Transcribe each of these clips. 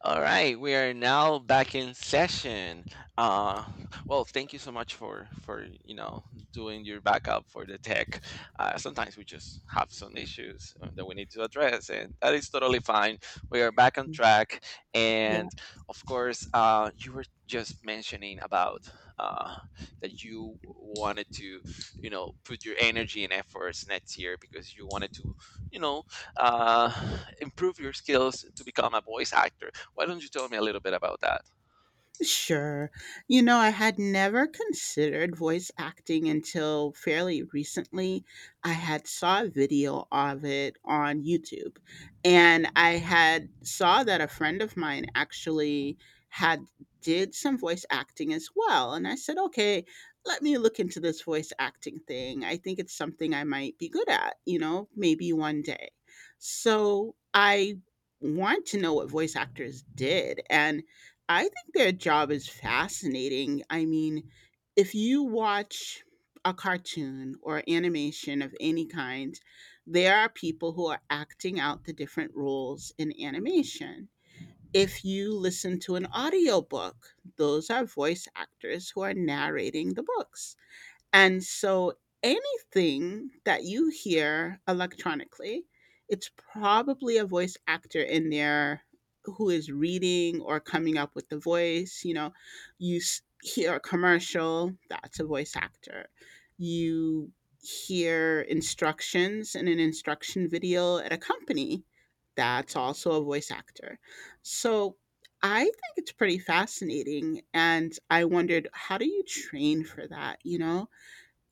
All right, we are now back in session. Uh, well, thank you so much for doing your backup for the tech. Sometimes we just have some issues that we need to address, and that is totally fine. We are back on Mm, track, yeah, and of course, you were just mentioning about uh, that you wanted to put your energy and efforts next year because you wanted to you know uh, improve your skills to become a voice actor. Why don't you tell me a little bit about that? sure. You know, I had never considered voice acting until fairly recently. I had saw a video of it on YouTube, and I had saw that a friend of mine actually had did some voice acting as well, and I said, "Okay, let me look into this voice acting thing. I think it's something I might be good at, you know, maybe one day." So, I want to know what voice actors did, and I think their job is fascinating. I mean, if you watch a cartoon or animation of any kind, there are people who are acting out the different roles in animation. If you listen to an audiobook, those are voice actors who are narrating the books. And so anything that you hear electronically, it's probably a voice actor in there who is reading or coming up with the voice. You know, hear a commercial, that's a voice actor. You hear instructions in an instruction video at a company, that's also a voice actor. So I think it's pretty fascinating. And I wondered, how do you train for that? You know,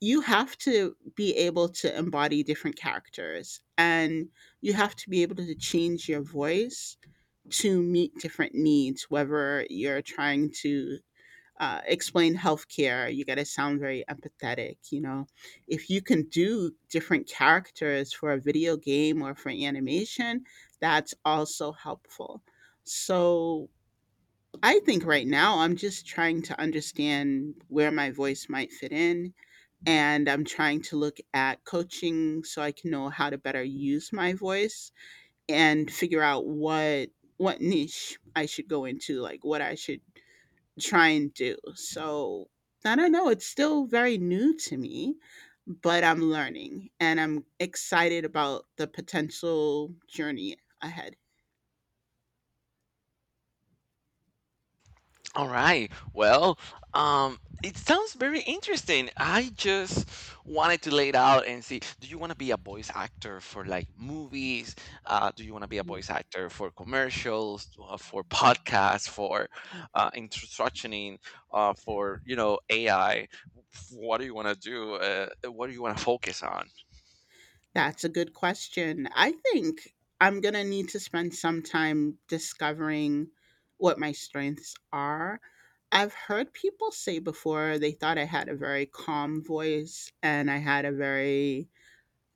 you have to be able to embody different characters and you have to be able to change your voice to meet different needs, whether you're trying to explain healthcare. You got to sound very empathetic, you know, if you can do different characters for a video game or for animation, that's also helpful. So I think right now I'm just trying to understand where my voice might fit in, and I'm trying to look at coaching so I can know how to better use my voice and figure out what niche I should go into, like what I should try and do. So I don't know, it's still very new to me, but I'm learning and I'm excited about the potential journey ahead. All right. Well, it sounds very interesting. I just wanted to lay it out and see, do you want to be a voice actor for like movies? Do you want to be a voice actor for commercials, for podcasts, for instructioning, for, AI? What do you want to do? What do you want to focus on? That's a good question. I think I'm going to need to spend some time discovering what my strengths are. I've heard people say before they thought I had a very calm voice and I had a very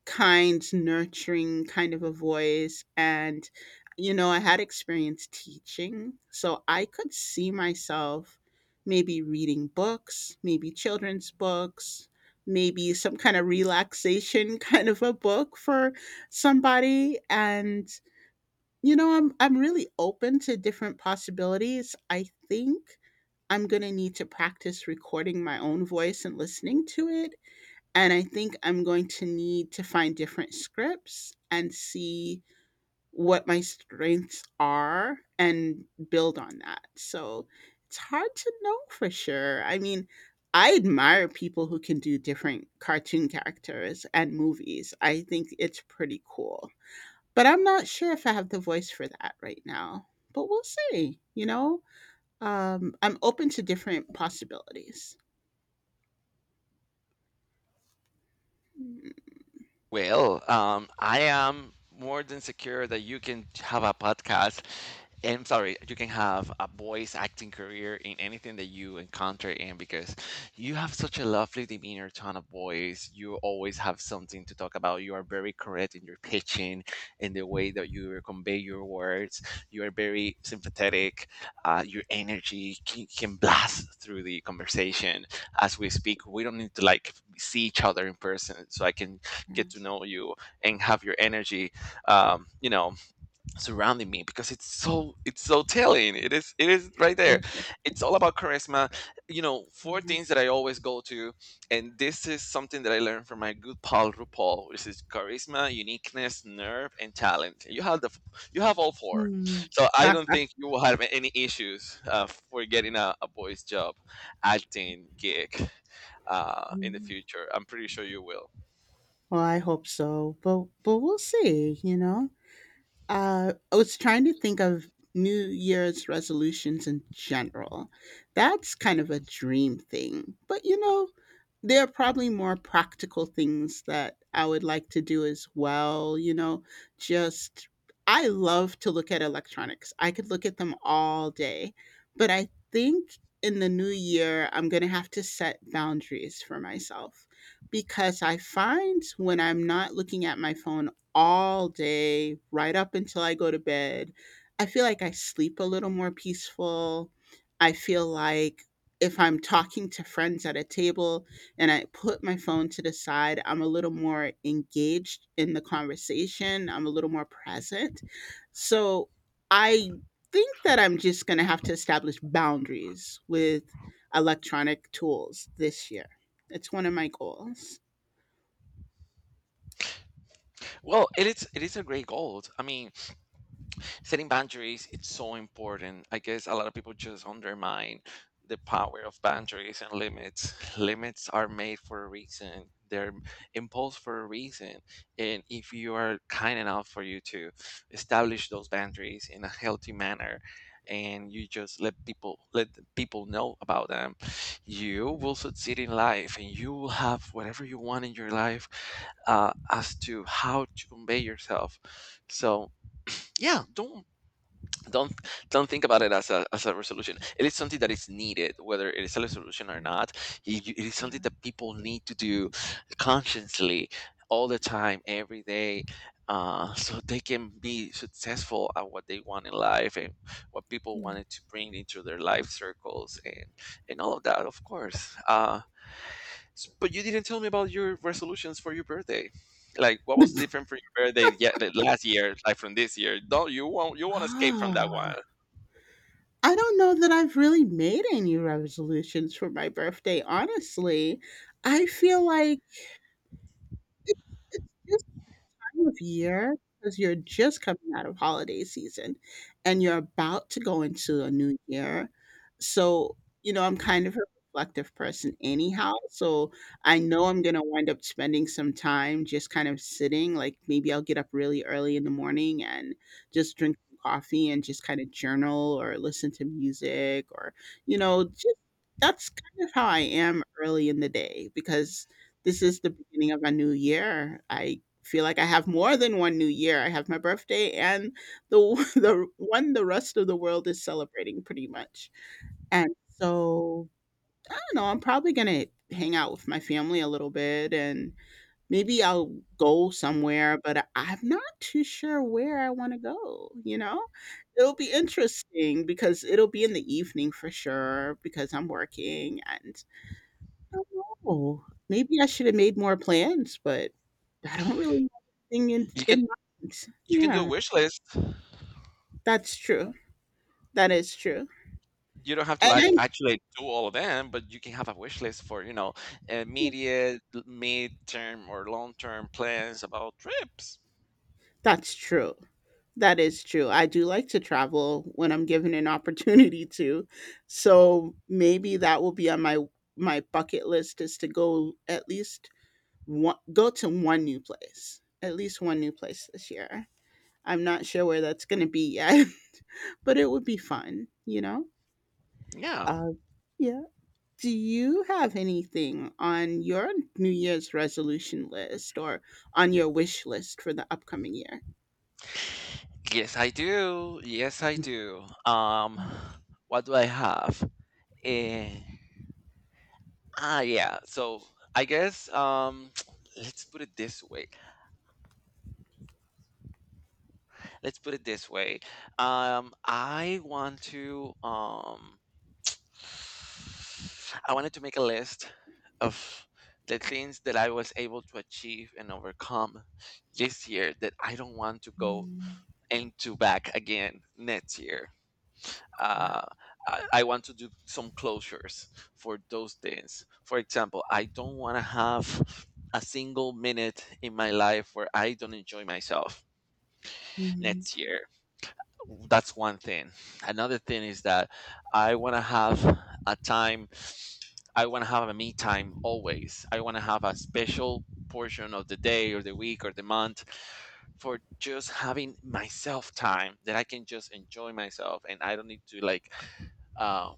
kind, nurturing kind of a voice. And, you know, I had experience teaching, so I could see myself maybe reading books, maybe children's books, maybe some kind of relaxation kind of a book for somebody. And, you know, I'm really open to different possibilities. I think I'm going to need to practice recording my own voice and listening to it, and I think I'm going to need to find different scripts and see what my strengths are and build on that. So it's hard to know for sure. I mean, I admire people who can do different cartoon characters and movies. I think it's pretty cool. But I'm not sure if I have the voice for that right now. But we'll see, you know? I'm open to different possibilities. Mm, Well, I am more than secure that you can have a podcast. I'm sorry, you can have a voice acting career in anything that you encounter in because you have such a lovely demeanor, tone of voice. You always have something to talk about. You are very correct in your pitching, in the way that you convey your words. You are very sympathetic. Your energy can blast through the conversation as we speak. We don't need to like see each other in person, so I can get to know you and have your energy um, you know surrounding me, because it's so telling, it is right yeah. there. It's all about charisma. Four things that I always go to, and this is something that I learned from my good pal RuPaul. This is charisma, uniqueness, nerve, and talent. You have all four, so I don't think you will have any issues for getting a voice job acting gig in the Well, future. I'm pretty sure you will. I hope so, but we'll see, you know? I was trying to think of New Year's resolutions in general. That's kind of a dream thing. But you know, there are probably more practical things that I would like to do as well. You know, just I love to look at electronics, I could look at them all day. But I think in the new year, I'm going to have to set boundaries for myself because I find when I'm not looking at my phone all day right up until I go to bed. I feel like I sleep a little more peaceful. I feel like if I'm talking to friends at a table and I put my phone to the side, I'm a little more engaged in the conversation. I'm a little more present. So I think that I'm just going to have to establish boundaries with electronic tools this year. It's one of my goals. Well, it is a great goal. I mean, setting boundaries, it's so important. I guess a lot of people just undermine the power of boundaries and limits. Limits are made for a reason, they're imposed for a reason. And if you are kind enough for you to establish those boundaries in a healthy manner, and you just let the people know about them, you will succeed in life and you will have whatever you want in your life, as to how to convey yourself. So yeah, don't don't think about it as a resolution. It is something that is needed whether it is a resolution or Yeah. not. It is something that people need to do consciously, all the time, every day, so they can be successful at what they want in life, and what people Yeah. wanted to bring into their life circles, and all of that, of course. But you didn't tell me about your resolutions for your birthday, like what was different for your birthday. Yeah, the last year, like from this year. Don't you won't escape from that one. Oh. I don't know that I've really made any resolutions for my birthday, honestly. I feel like it's time of year, because you're just coming out of holiday season and you're about to go into a new year. So, you know, I'm kind of a reflective person anyhow. So I know I'm going to wind up spending some time just kind of sitting. Like maybe I'll get up really early in the morning and just drink some coffee and just kind of journal or listen to music or, you know, just that's kind of how I am early in the day because this is the beginning of a new year. I feel like I have more than one New Year. I have my birthday and the the one the rest of the world is celebrating pretty much. And so I don't know, I'm probably gonna hang out with my family a little bit and maybe I'll go somewhere, but I'm not too sure where I wanna go, you know? It'll be interesting because it'll be in the evening for sure because I'm working and don't know. Maybe I should have made more plans, but I don't really have anything you can in mind. you can do a Yeah, wish list. that's true. That is true. You don't have to And I, like actually do all of them, but you can have a wish list for yeah, immediate, mid-term, or long-term plans about trips. that's true. That is true. I do like to travel when I'm given an opportunity to. So maybe that will be on my bucket list is to go at least one go to one new place. At least one new place this year. I'm not sure where that's going to be yet, but it would be fun, you know? Yeah. Uh, yeah. Do you have anything on your New Year's resolution list or on your wish list for the upcoming year? Yes, I do. Yes, I do. What do I have? Eh, yeah. So I guess let's put it this way. Let's put it this way. Um, I want to um I wanted to make a list of the things that I was able to achieve and overcome this year, that I don't want to go Mhm. into back again next year. Wow. Uh, I want to do some closures for those things. For example, I don't want to have a single minute in my life where I don't enjoy myself Mhm. next year. That's one thing. Another thing is that i want to have a time I want to have a me time always. I want to have a special portion of the day or the week or the month for just having myself time that I can just enjoy myself, and I don't need to like uh,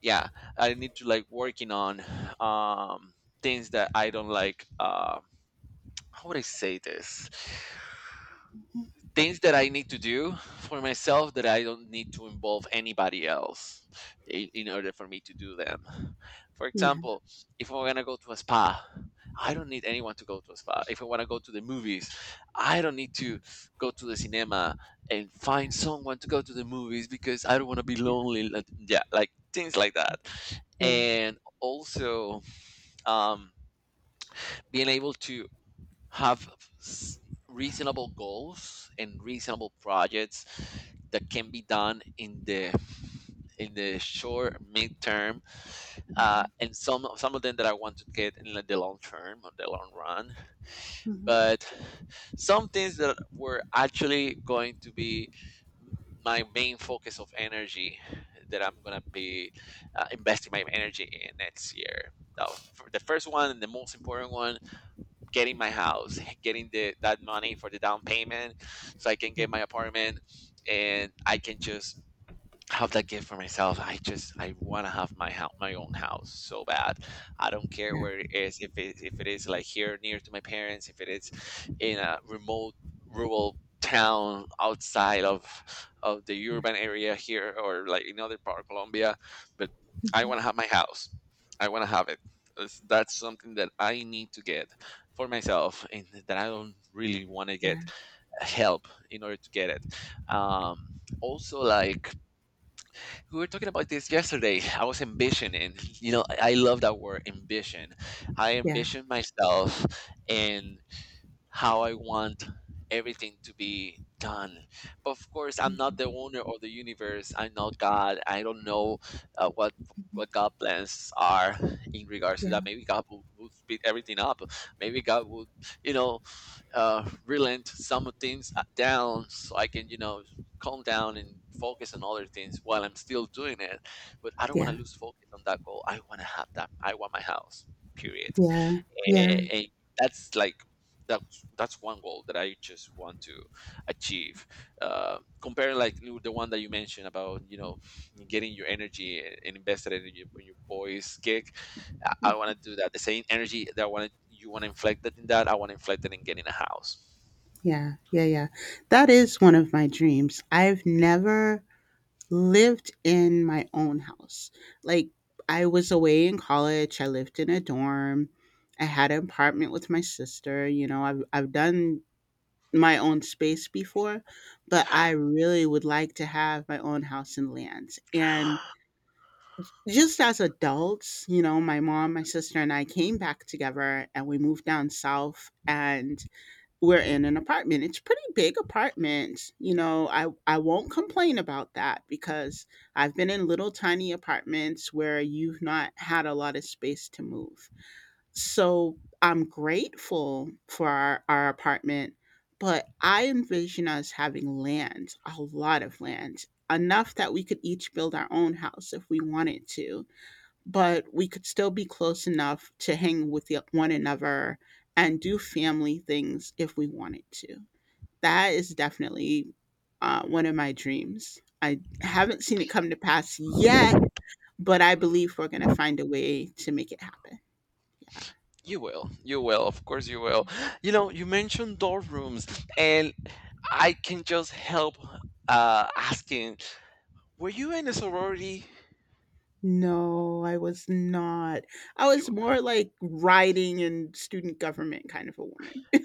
yeah, I need to like working on um things that I don't like. How would I say this? Things that I need to do for myself, that I don't need to involve anybody else in order for me to do them. For Yeah, example, if I'm gonna go to a spa, I don't need anyone to go to a spa. If I wanna go to the movies, I don't need to go to the cinema and find yeah, someone to go to the movies because I don't wanna be yeah, lonely. Yeah, like things like yeah, that. yeah. And also, um, being able to have s- reasonable goals and reasonable projects that can be done in the short midterm, Mhm. and some of them that I want to get in the long term or the long run. But some things that were actually going to be my main focus of energy, that I'm gonna be investing my energy in next year. Now, for the first one and the most important one, getting my house, getting the that money for the down payment, so I can Yeah, get my apartment, and I can just have that gift for myself. I want to have my house, my own house so bad. I don't care yeah, where it is. If it is like here near to my parents, if it is in a remote rural town outside of the yeah. urban area here, or like in other part of Colombia, but I Mm-hmm. want to have my house. I want to have it. That's something that I need to get for myself, and that I don't really want to Yeah, get help in order to get it. Also, like we were talking about this yesterday. I was ambitioning, I love that word ambition. I yeah, yeah, ambition myself, and how I want everything to be done. But of course, I'm not the owner of the universe. I'm not God. I don't know uh, what what God plans are in regards to yeah, that. Maybe God would speed everything up. Maybe God would, you know, relent some things down, so I can, you know, calm down and focus on other things while I'm still doing it. But I don't want yeah, to lose focus on that goal. I want to have that. I want my house. Period. and, yeah, and that's like that's one goal that I just want to achieve. Comparing, like the one that you mentioned about getting your energy and invested in your boys kick, I want to do that. The same energy that I want you want to inflect that in that, I want to inflect it in getting a house. yeah, yeah, yeah. That is one of my dreams. I've never lived in my own house. Like I was away in college, I lived in a dorm. I had an apartment with my sister, you know, I've done my own space before, but I really would like to have my own house and lands. And just as adults, you know, my mom, my sister and I came back together and we moved down south and we're in an apartment. It's pretty big apartment. You know, I won't complain about that because I've been in little tiny apartments where you've not had a lot of space to move. So I'm grateful for our apartment, but I envision us having land, a lot of land, enough that we could each build our own house if we wanted to, but we could still be close enough to hang with one another and do family things if we wanted to. That is definitely one of my dreams. I haven't seen it come to pass yet, but I believe we're going to find a way to make it happen. You will, of course you will. You know, you mentioned dorm rooms, and I can just help asking, were you in a sorority? No, I was not. I was You, more like writing and student government kind of a woman.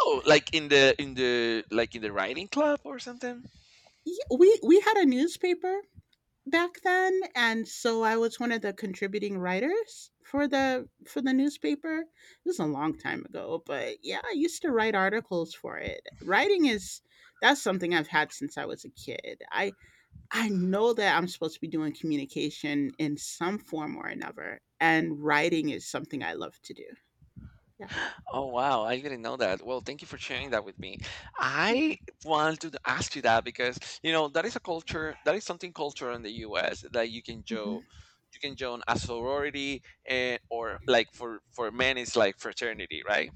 Oh, like in the like in the writing club or something? Yeah, we had a newspaper back then, and so I was one of the contributing writers for the newspaper. This is a long time ago, but yeah, I used to write articles for it. Writing is that's something I've had since I was a kid. I know that I'm supposed to be doing communication in some form or another, and writing is something I love to do. Yeah. Oh wow, I didn't know that. Well, thank you for sharing that with me. Yeah. I wanted to ask you that because you know that is a culture, that is something cultural in the US that you can join, Mhm. A sorority, and or like for men it's like fraternity, right?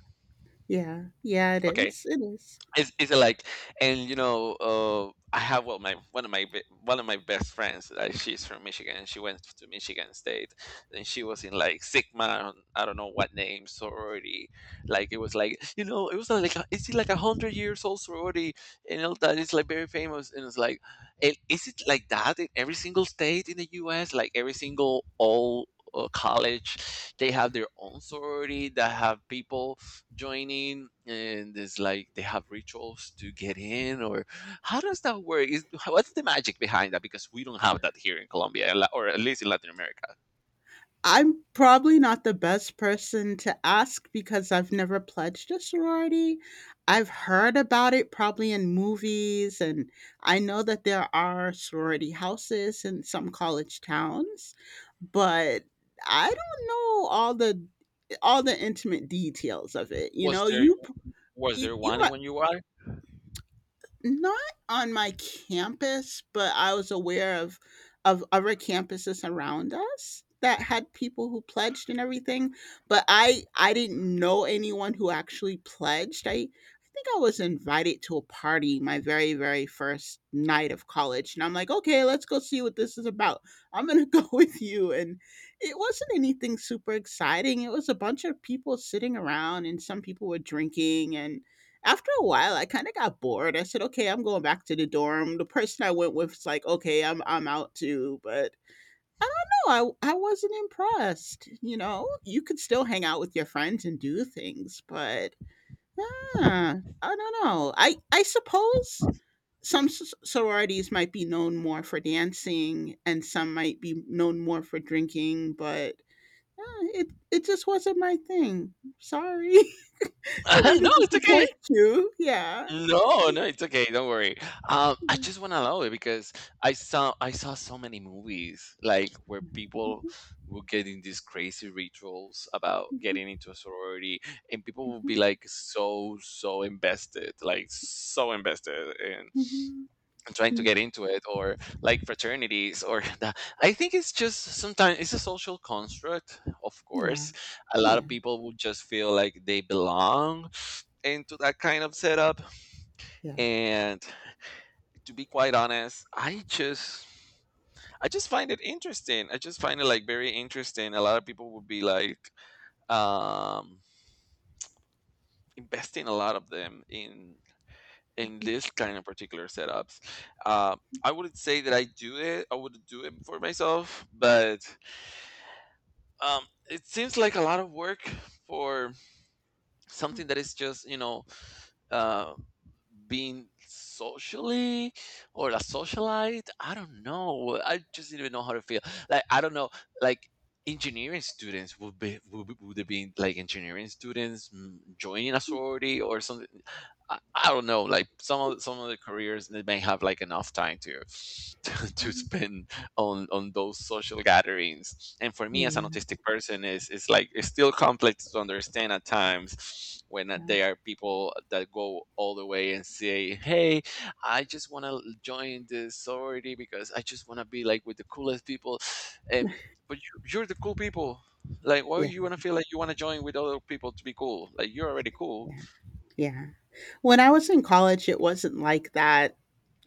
Yeah. Yeah, it Okay, is. It is. it's like, and I have, well, my one of my one of my best friends, like she's from Michigan and she went to Michigan State, and she was in like Sigma, I don't know what name sorority. Like it was like is it like a hundred years old sorority and all that. It's like very famous, and it's like, and is it like that in every single state in the US, like every single all college, they have their own sorority that have people joining? And it's like they have rituals to get in, or how does that work? Is What's the magic behind that, because we don't have that here in Colombia, or at least in Latin America? I'm probably not the best person to ask because I've never pledged a sorority. I've heard about it probably in movies, and I know that there are sorority houses in some college towns, but I don't know all the intimate details of it, you was know? there was there You one might when you were not on my campus, but I was aware of other campuses around us that had people who pledged and everything, but I didn't know anyone who actually pledged. I think I was invited to a party my very, very first night of college, and I'm like, "Okay, let's go see what this is about. I'm gonna go with you." And it wasn't anything super exciting. It was a bunch of people sitting around, and some people were drinking, and after a while, I kinda got bored. I said, "Okay, I'm going back to the dorm." The person I went with was like, "Okay, I'm out too," but I don't know, I wasn't impressed, you know? You could still hang out with your friends and do things, but, ah, I don't know. I suppose some s sororities might be known more for dancing and some might be known more for drinking, but, uh, it just wasn't my thing. Sorry. I don't mean No, to it's okay. disappoint you. Yeah. No, no, it's okay. Don't worry. I just want to allow it because I saw so many movies like where Yeah, people will get in these crazy rituals about getting into a sorority, and people will be like so invested, like so invested in trying to get into it, or like fraternities, or I think it's just sometimes it's a social construct. Of yeah, course, a lot of yeah. people will just feel like they belong into that kind of setup, and to be quite honest, I just find it interesting. I just find it like very interesting. A lot of people would be like um investing a lot of them in this kind of particular setups. Uh, I wouldn't say that I do it. I would do it for myself, but um it seems like a lot of work for something that is just, uh, being socially or a socialite. I don't know. I just didn't even know how to feel. Like, I don't know. Like, engineering students would have been like engineering students joining a sorority or something. I don't know. Like, some of the careers they may have like enough time to to spend on those social gatherings. And for me, Yeah, as an autistic person, is like it's still complex to understand at times when there are people that go all the way and say, "Hey, I just want to join this sorority because I just want to be like with the coolest people," and but you're the cool people. Like, why yeah, you want to feel like you want to join with other people to be cool? Like, you're already cool. yeah, yeah. When I was in college, it wasn't like that.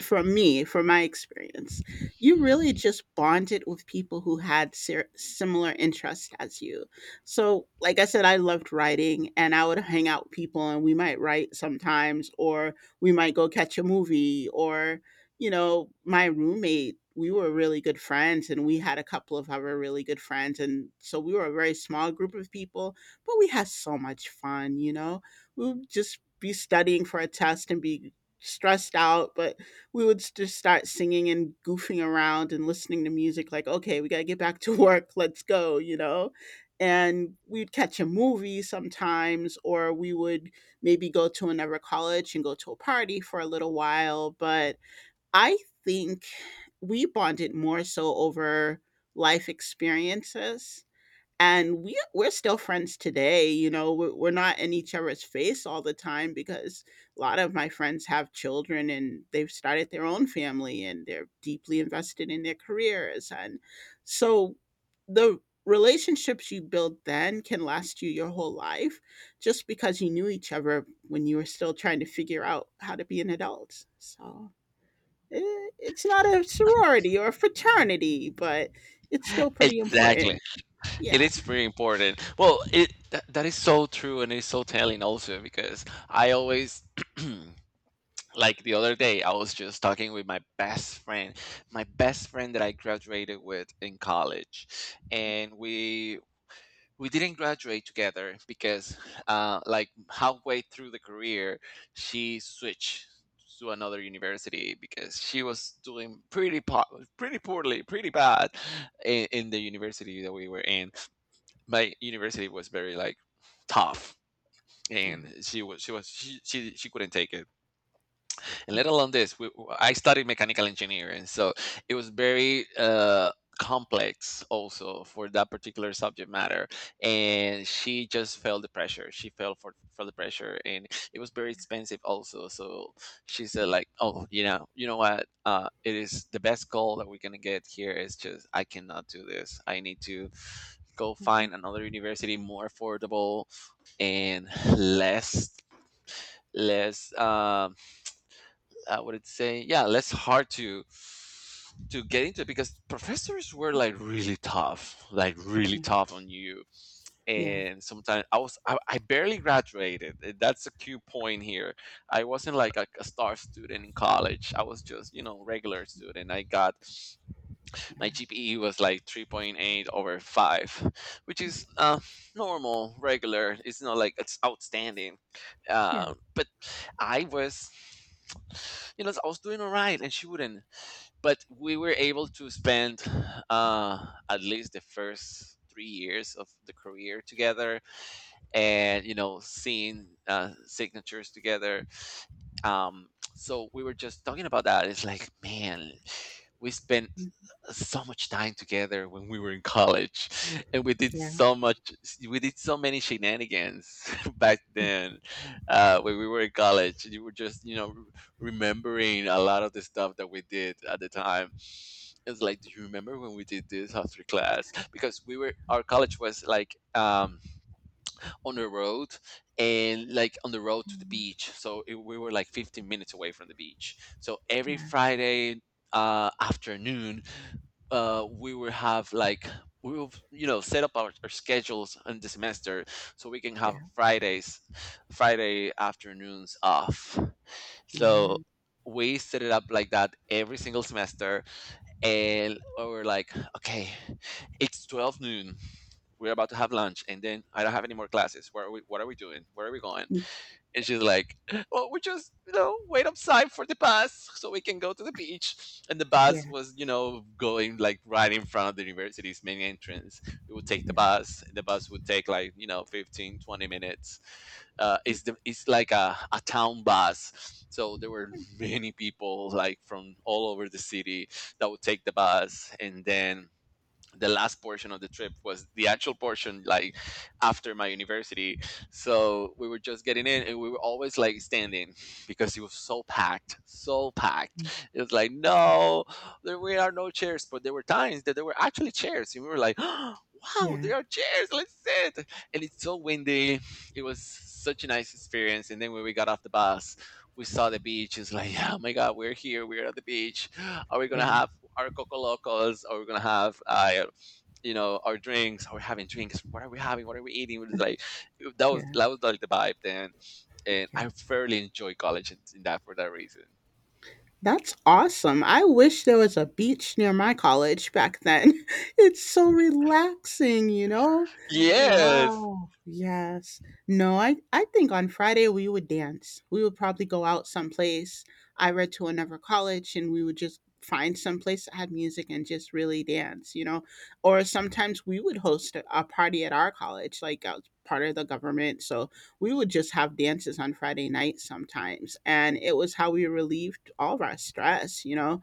From me, from my experience, you really just bonded with people who had similar interests as you. So, like I said, I loved writing and I would hang out with people and we might write sometimes, or we might go catch a movie, or my roommate, we were really good friends and we had a couple of other really good friends. And so we were a very small group of people, but we had so much fun. We would just be studying for a test and be stressed out, but we would just start singing and goofing around and listening to music like, okay, we got to get back to work, let's go. And we'd catch a movie sometimes, or we would maybe go to another college and go to a party for a little while. But I think we bonded more so over life experiences, and we we're still friends today. We're not in each other's face all the time because a lot of my friends have children and they've started their own family and they're deeply invested in their careers. And so the relationships you build then can last you your whole life, just because you knew each other when you were still trying to figure out how to be an adult. So, it's not a sorority or a fraternity, but it's still pretty Exactly. important. It Yeah, is very important. Well, that is so true, and it's so telling also because I always like the other day I was just talking with my best friend that I graduated with in college, and we didn't graduate together because like halfway through the career she switched to another university because she was doing pretty poorly, pretty bad in the university that we were in. My university was very like tough, and yeah. she was she was she couldn't take it. And let alone this, we, I studied mechanical engineering, so it was very complex also for that particular subject matter. And she just felt the pressure, she fell for the pressure, and it was very expensive also. So she said Yeah. like, oh, you know, you know what, uh, it is the best goal that we're gonna get here is just I cannot do this, I need to go Mhm. find another university more affordable and less less um I would say, yeah, less hard to get into it because professors were like really tough, like really Yeah. tough on you. Yeah. And sometimes I barely graduated. Eh, that's a cue point here. I wasn't like a star student in college. I was just, you know, regular student. I got my Yeah. GPE was like 3.8 over 5, which is normal, regular. It's not like it's outstanding. Yeah. But I was, you know, I was doing all right and she wouldn't. But we were able to spend at least the first 3 years of the career together, and, you know, seeing signatures together, um, so we were just talking about that. It's like, man, we spent Mm. so much time together when we were in college, and we did Yeah. so much, we did so many shenanigans back then when we were in college. You were just, you know, remembering a lot of the stuff that we did at the time. It's like, do you remember when we did this after class? Because we were, our college was like, on the road and like on the road to the Mm. beach. So it, we were like 15 minutes away from the beach. So every Yeah. Mm-hmm. Friday afternoon, we will have like we will, you know, set up our schedules in the semester so we can have Yeah. Fridays, Friday afternoons off. So Mm. we set it up like that every single semester, and we were like, okay, it's 12 noon, we're about to have lunch and then I don't have any more classes. Where are we, what are we doing? Where are we going? Mm. And she's like, well, we just, you know, wait outside for the bus so we can go to the beach. And the bus Yeah. was, you know, going like right in front of the university's main entrance. We would take the bus. The bus would take like, you know, 15, 20 minutes. Mm. It's like a town bus. So there were many people like from all over the city that would take the bus, and then the last portion of the trip was the actual portion, like after my university. So we were just getting in and we were always like standing because it was so packed, so packed. It was like, no, there we are, no chairs. But there were times that there were actually chairs and we were like wow, Yeah. there are chairs, let's sit. And it's so windy, it was such a nice experience. And then when we got off the bus, we saw the beach. It's like, oh my god, we're here, we're at the beach. Are we gonna Yeah. have our coco locals, or we're gonna have, you know, our drinks? Are we having drinks? What are we having? What are we eating? It was like, that was Yeah. that was like the vibe then, and Yeah. I fairly enjoy college in that, for that reason. That's awesome. I wish there was a beach near my college back then. It's so relaxing, you know? Yes, Wow. Yes. No, I think on Friday we would dance. We would probably go out someplace. I read to another college and we would just find someplace that had music and just really dance, you know? Or sometimes we would host a party at our college, like I was part of the government. So we would just have dances on Friday nights sometimes. And it was how we relieved all of our stress, you know.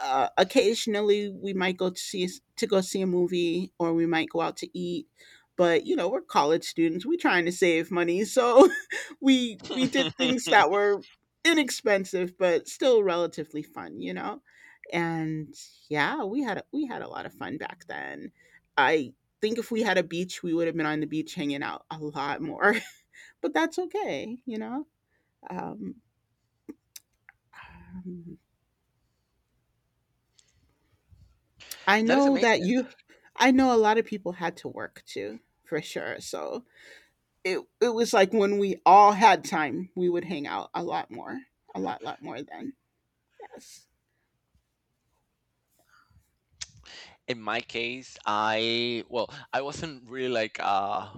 Occasionally we might go to go see a movie, or we might go out to eat. But you know, we're college students. We're trying to save money. So we did things that that were inexpensive but still relatively fun, you know. And yeah, we had a lot of fun back then. I think if we had a beach, we would have been on the beach hanging out a lot more. But that's okay, you know. Um, um, I is know amazing. I know a lot of people had to work too, for sure. So it was like when we all had time, we would hang out a lot more, a lot, lot more then. Yes. In my case, I, well, I wasn't really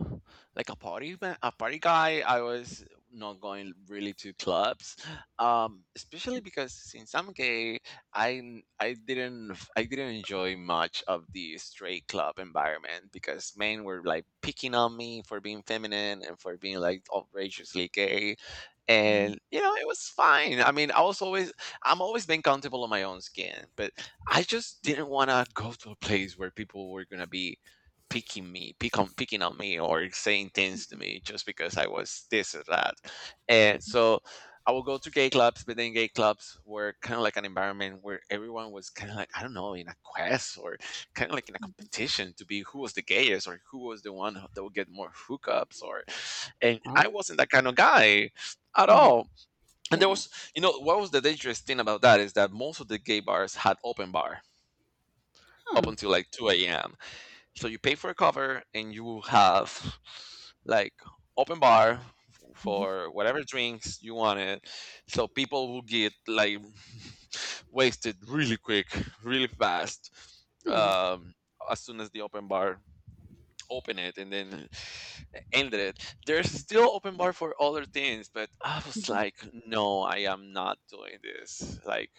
like a a party guy. I was not going really to clubs, especially because since I'm gay, i n- I I didn't enjoy much of the straight club environment because men were like picking on me for being feminine and for being like outrageously gay. Mhm. And you know, it was fine. I mean, I was always, I'm always been comfortable in my own skin, but I just didn't want to go to a place where people were gonna be picking on me, or saying things to me just because I was this or that. And so I would go to gay clubs, but then gay clubs were kind of like an environment where everyone was kind of like, I don't know, in a quest or kind of like in a competition to be who was the gayest or who was the one that would get more hookups, or, and I Oh wasn't that kind of guy at yeah, all. And there yeah, was, you know, what was the dangerous thing about that is that most of the gay bars had open bar up huh? until like 2 a.m. So you pay for a cover and you have like open bar Mhm. for whatever drinks you wanted. So people will get like wasted really quick, really fast, Yeah, um, as soon as the open bar open it and then ended it. There's still open bar for other things, but I was Mhm. like, no, I am not doing this. Like,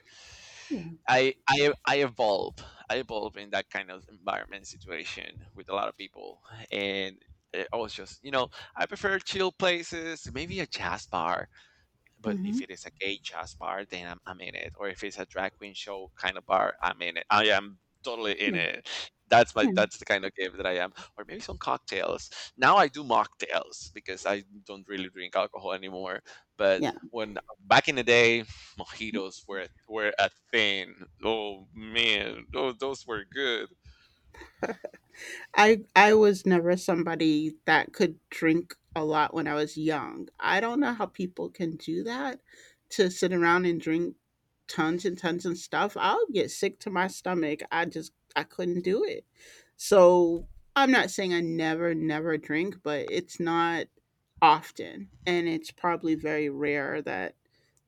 yeah, I evolve. I evolve in that kind of environment situation with a lot of people, and I was just, you know, I prefer chill places, maybe a jazz bar, but if Mhm. it is a gay jazz bar, then I'm in it. Or if it's a drag queen show kind of bar, I'm in it. I am totally in yeah, it. Hmm, That's the kind of game that I am. Or maybe some cocktails. Now I do mocktails because I don't really drink alcohol anymore. But yeah. when back in the day, mojitos were a thing. Oh man, those were good. I was never somebody that could drink a lot when I was young. I don't know how people can do that, to sit around and drink tons and tons of stuff. I'll get sick to my stomach. I couldn't do it. So I'm not saying I never never drink, but it's not often, and it's probably very rare that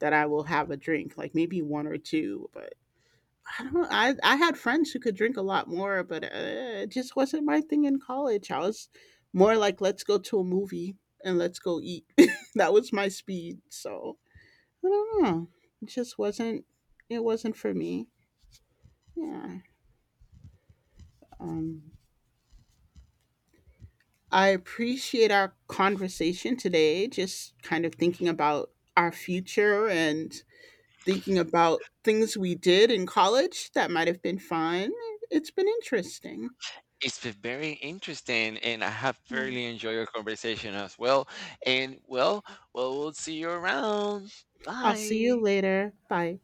I will have a drink, like maybe one or two. But I don't I had friends who could drink a lot more, but it just wasn't my thing in college. I was more like, let's go to a movie and let's go eat. That was my speed. So I don't know. It just wasn't. It wasn't for me. Yeah. Um. I appreciate our conversation today. Just kind of thinking about our future and thinking about things we did in college that might have been fun. It's been interesting. It's been very interesting, and I have thoroughly enjoyed your conversation as well. And well, we'll see you around. I'll see you Bye. later. Bye.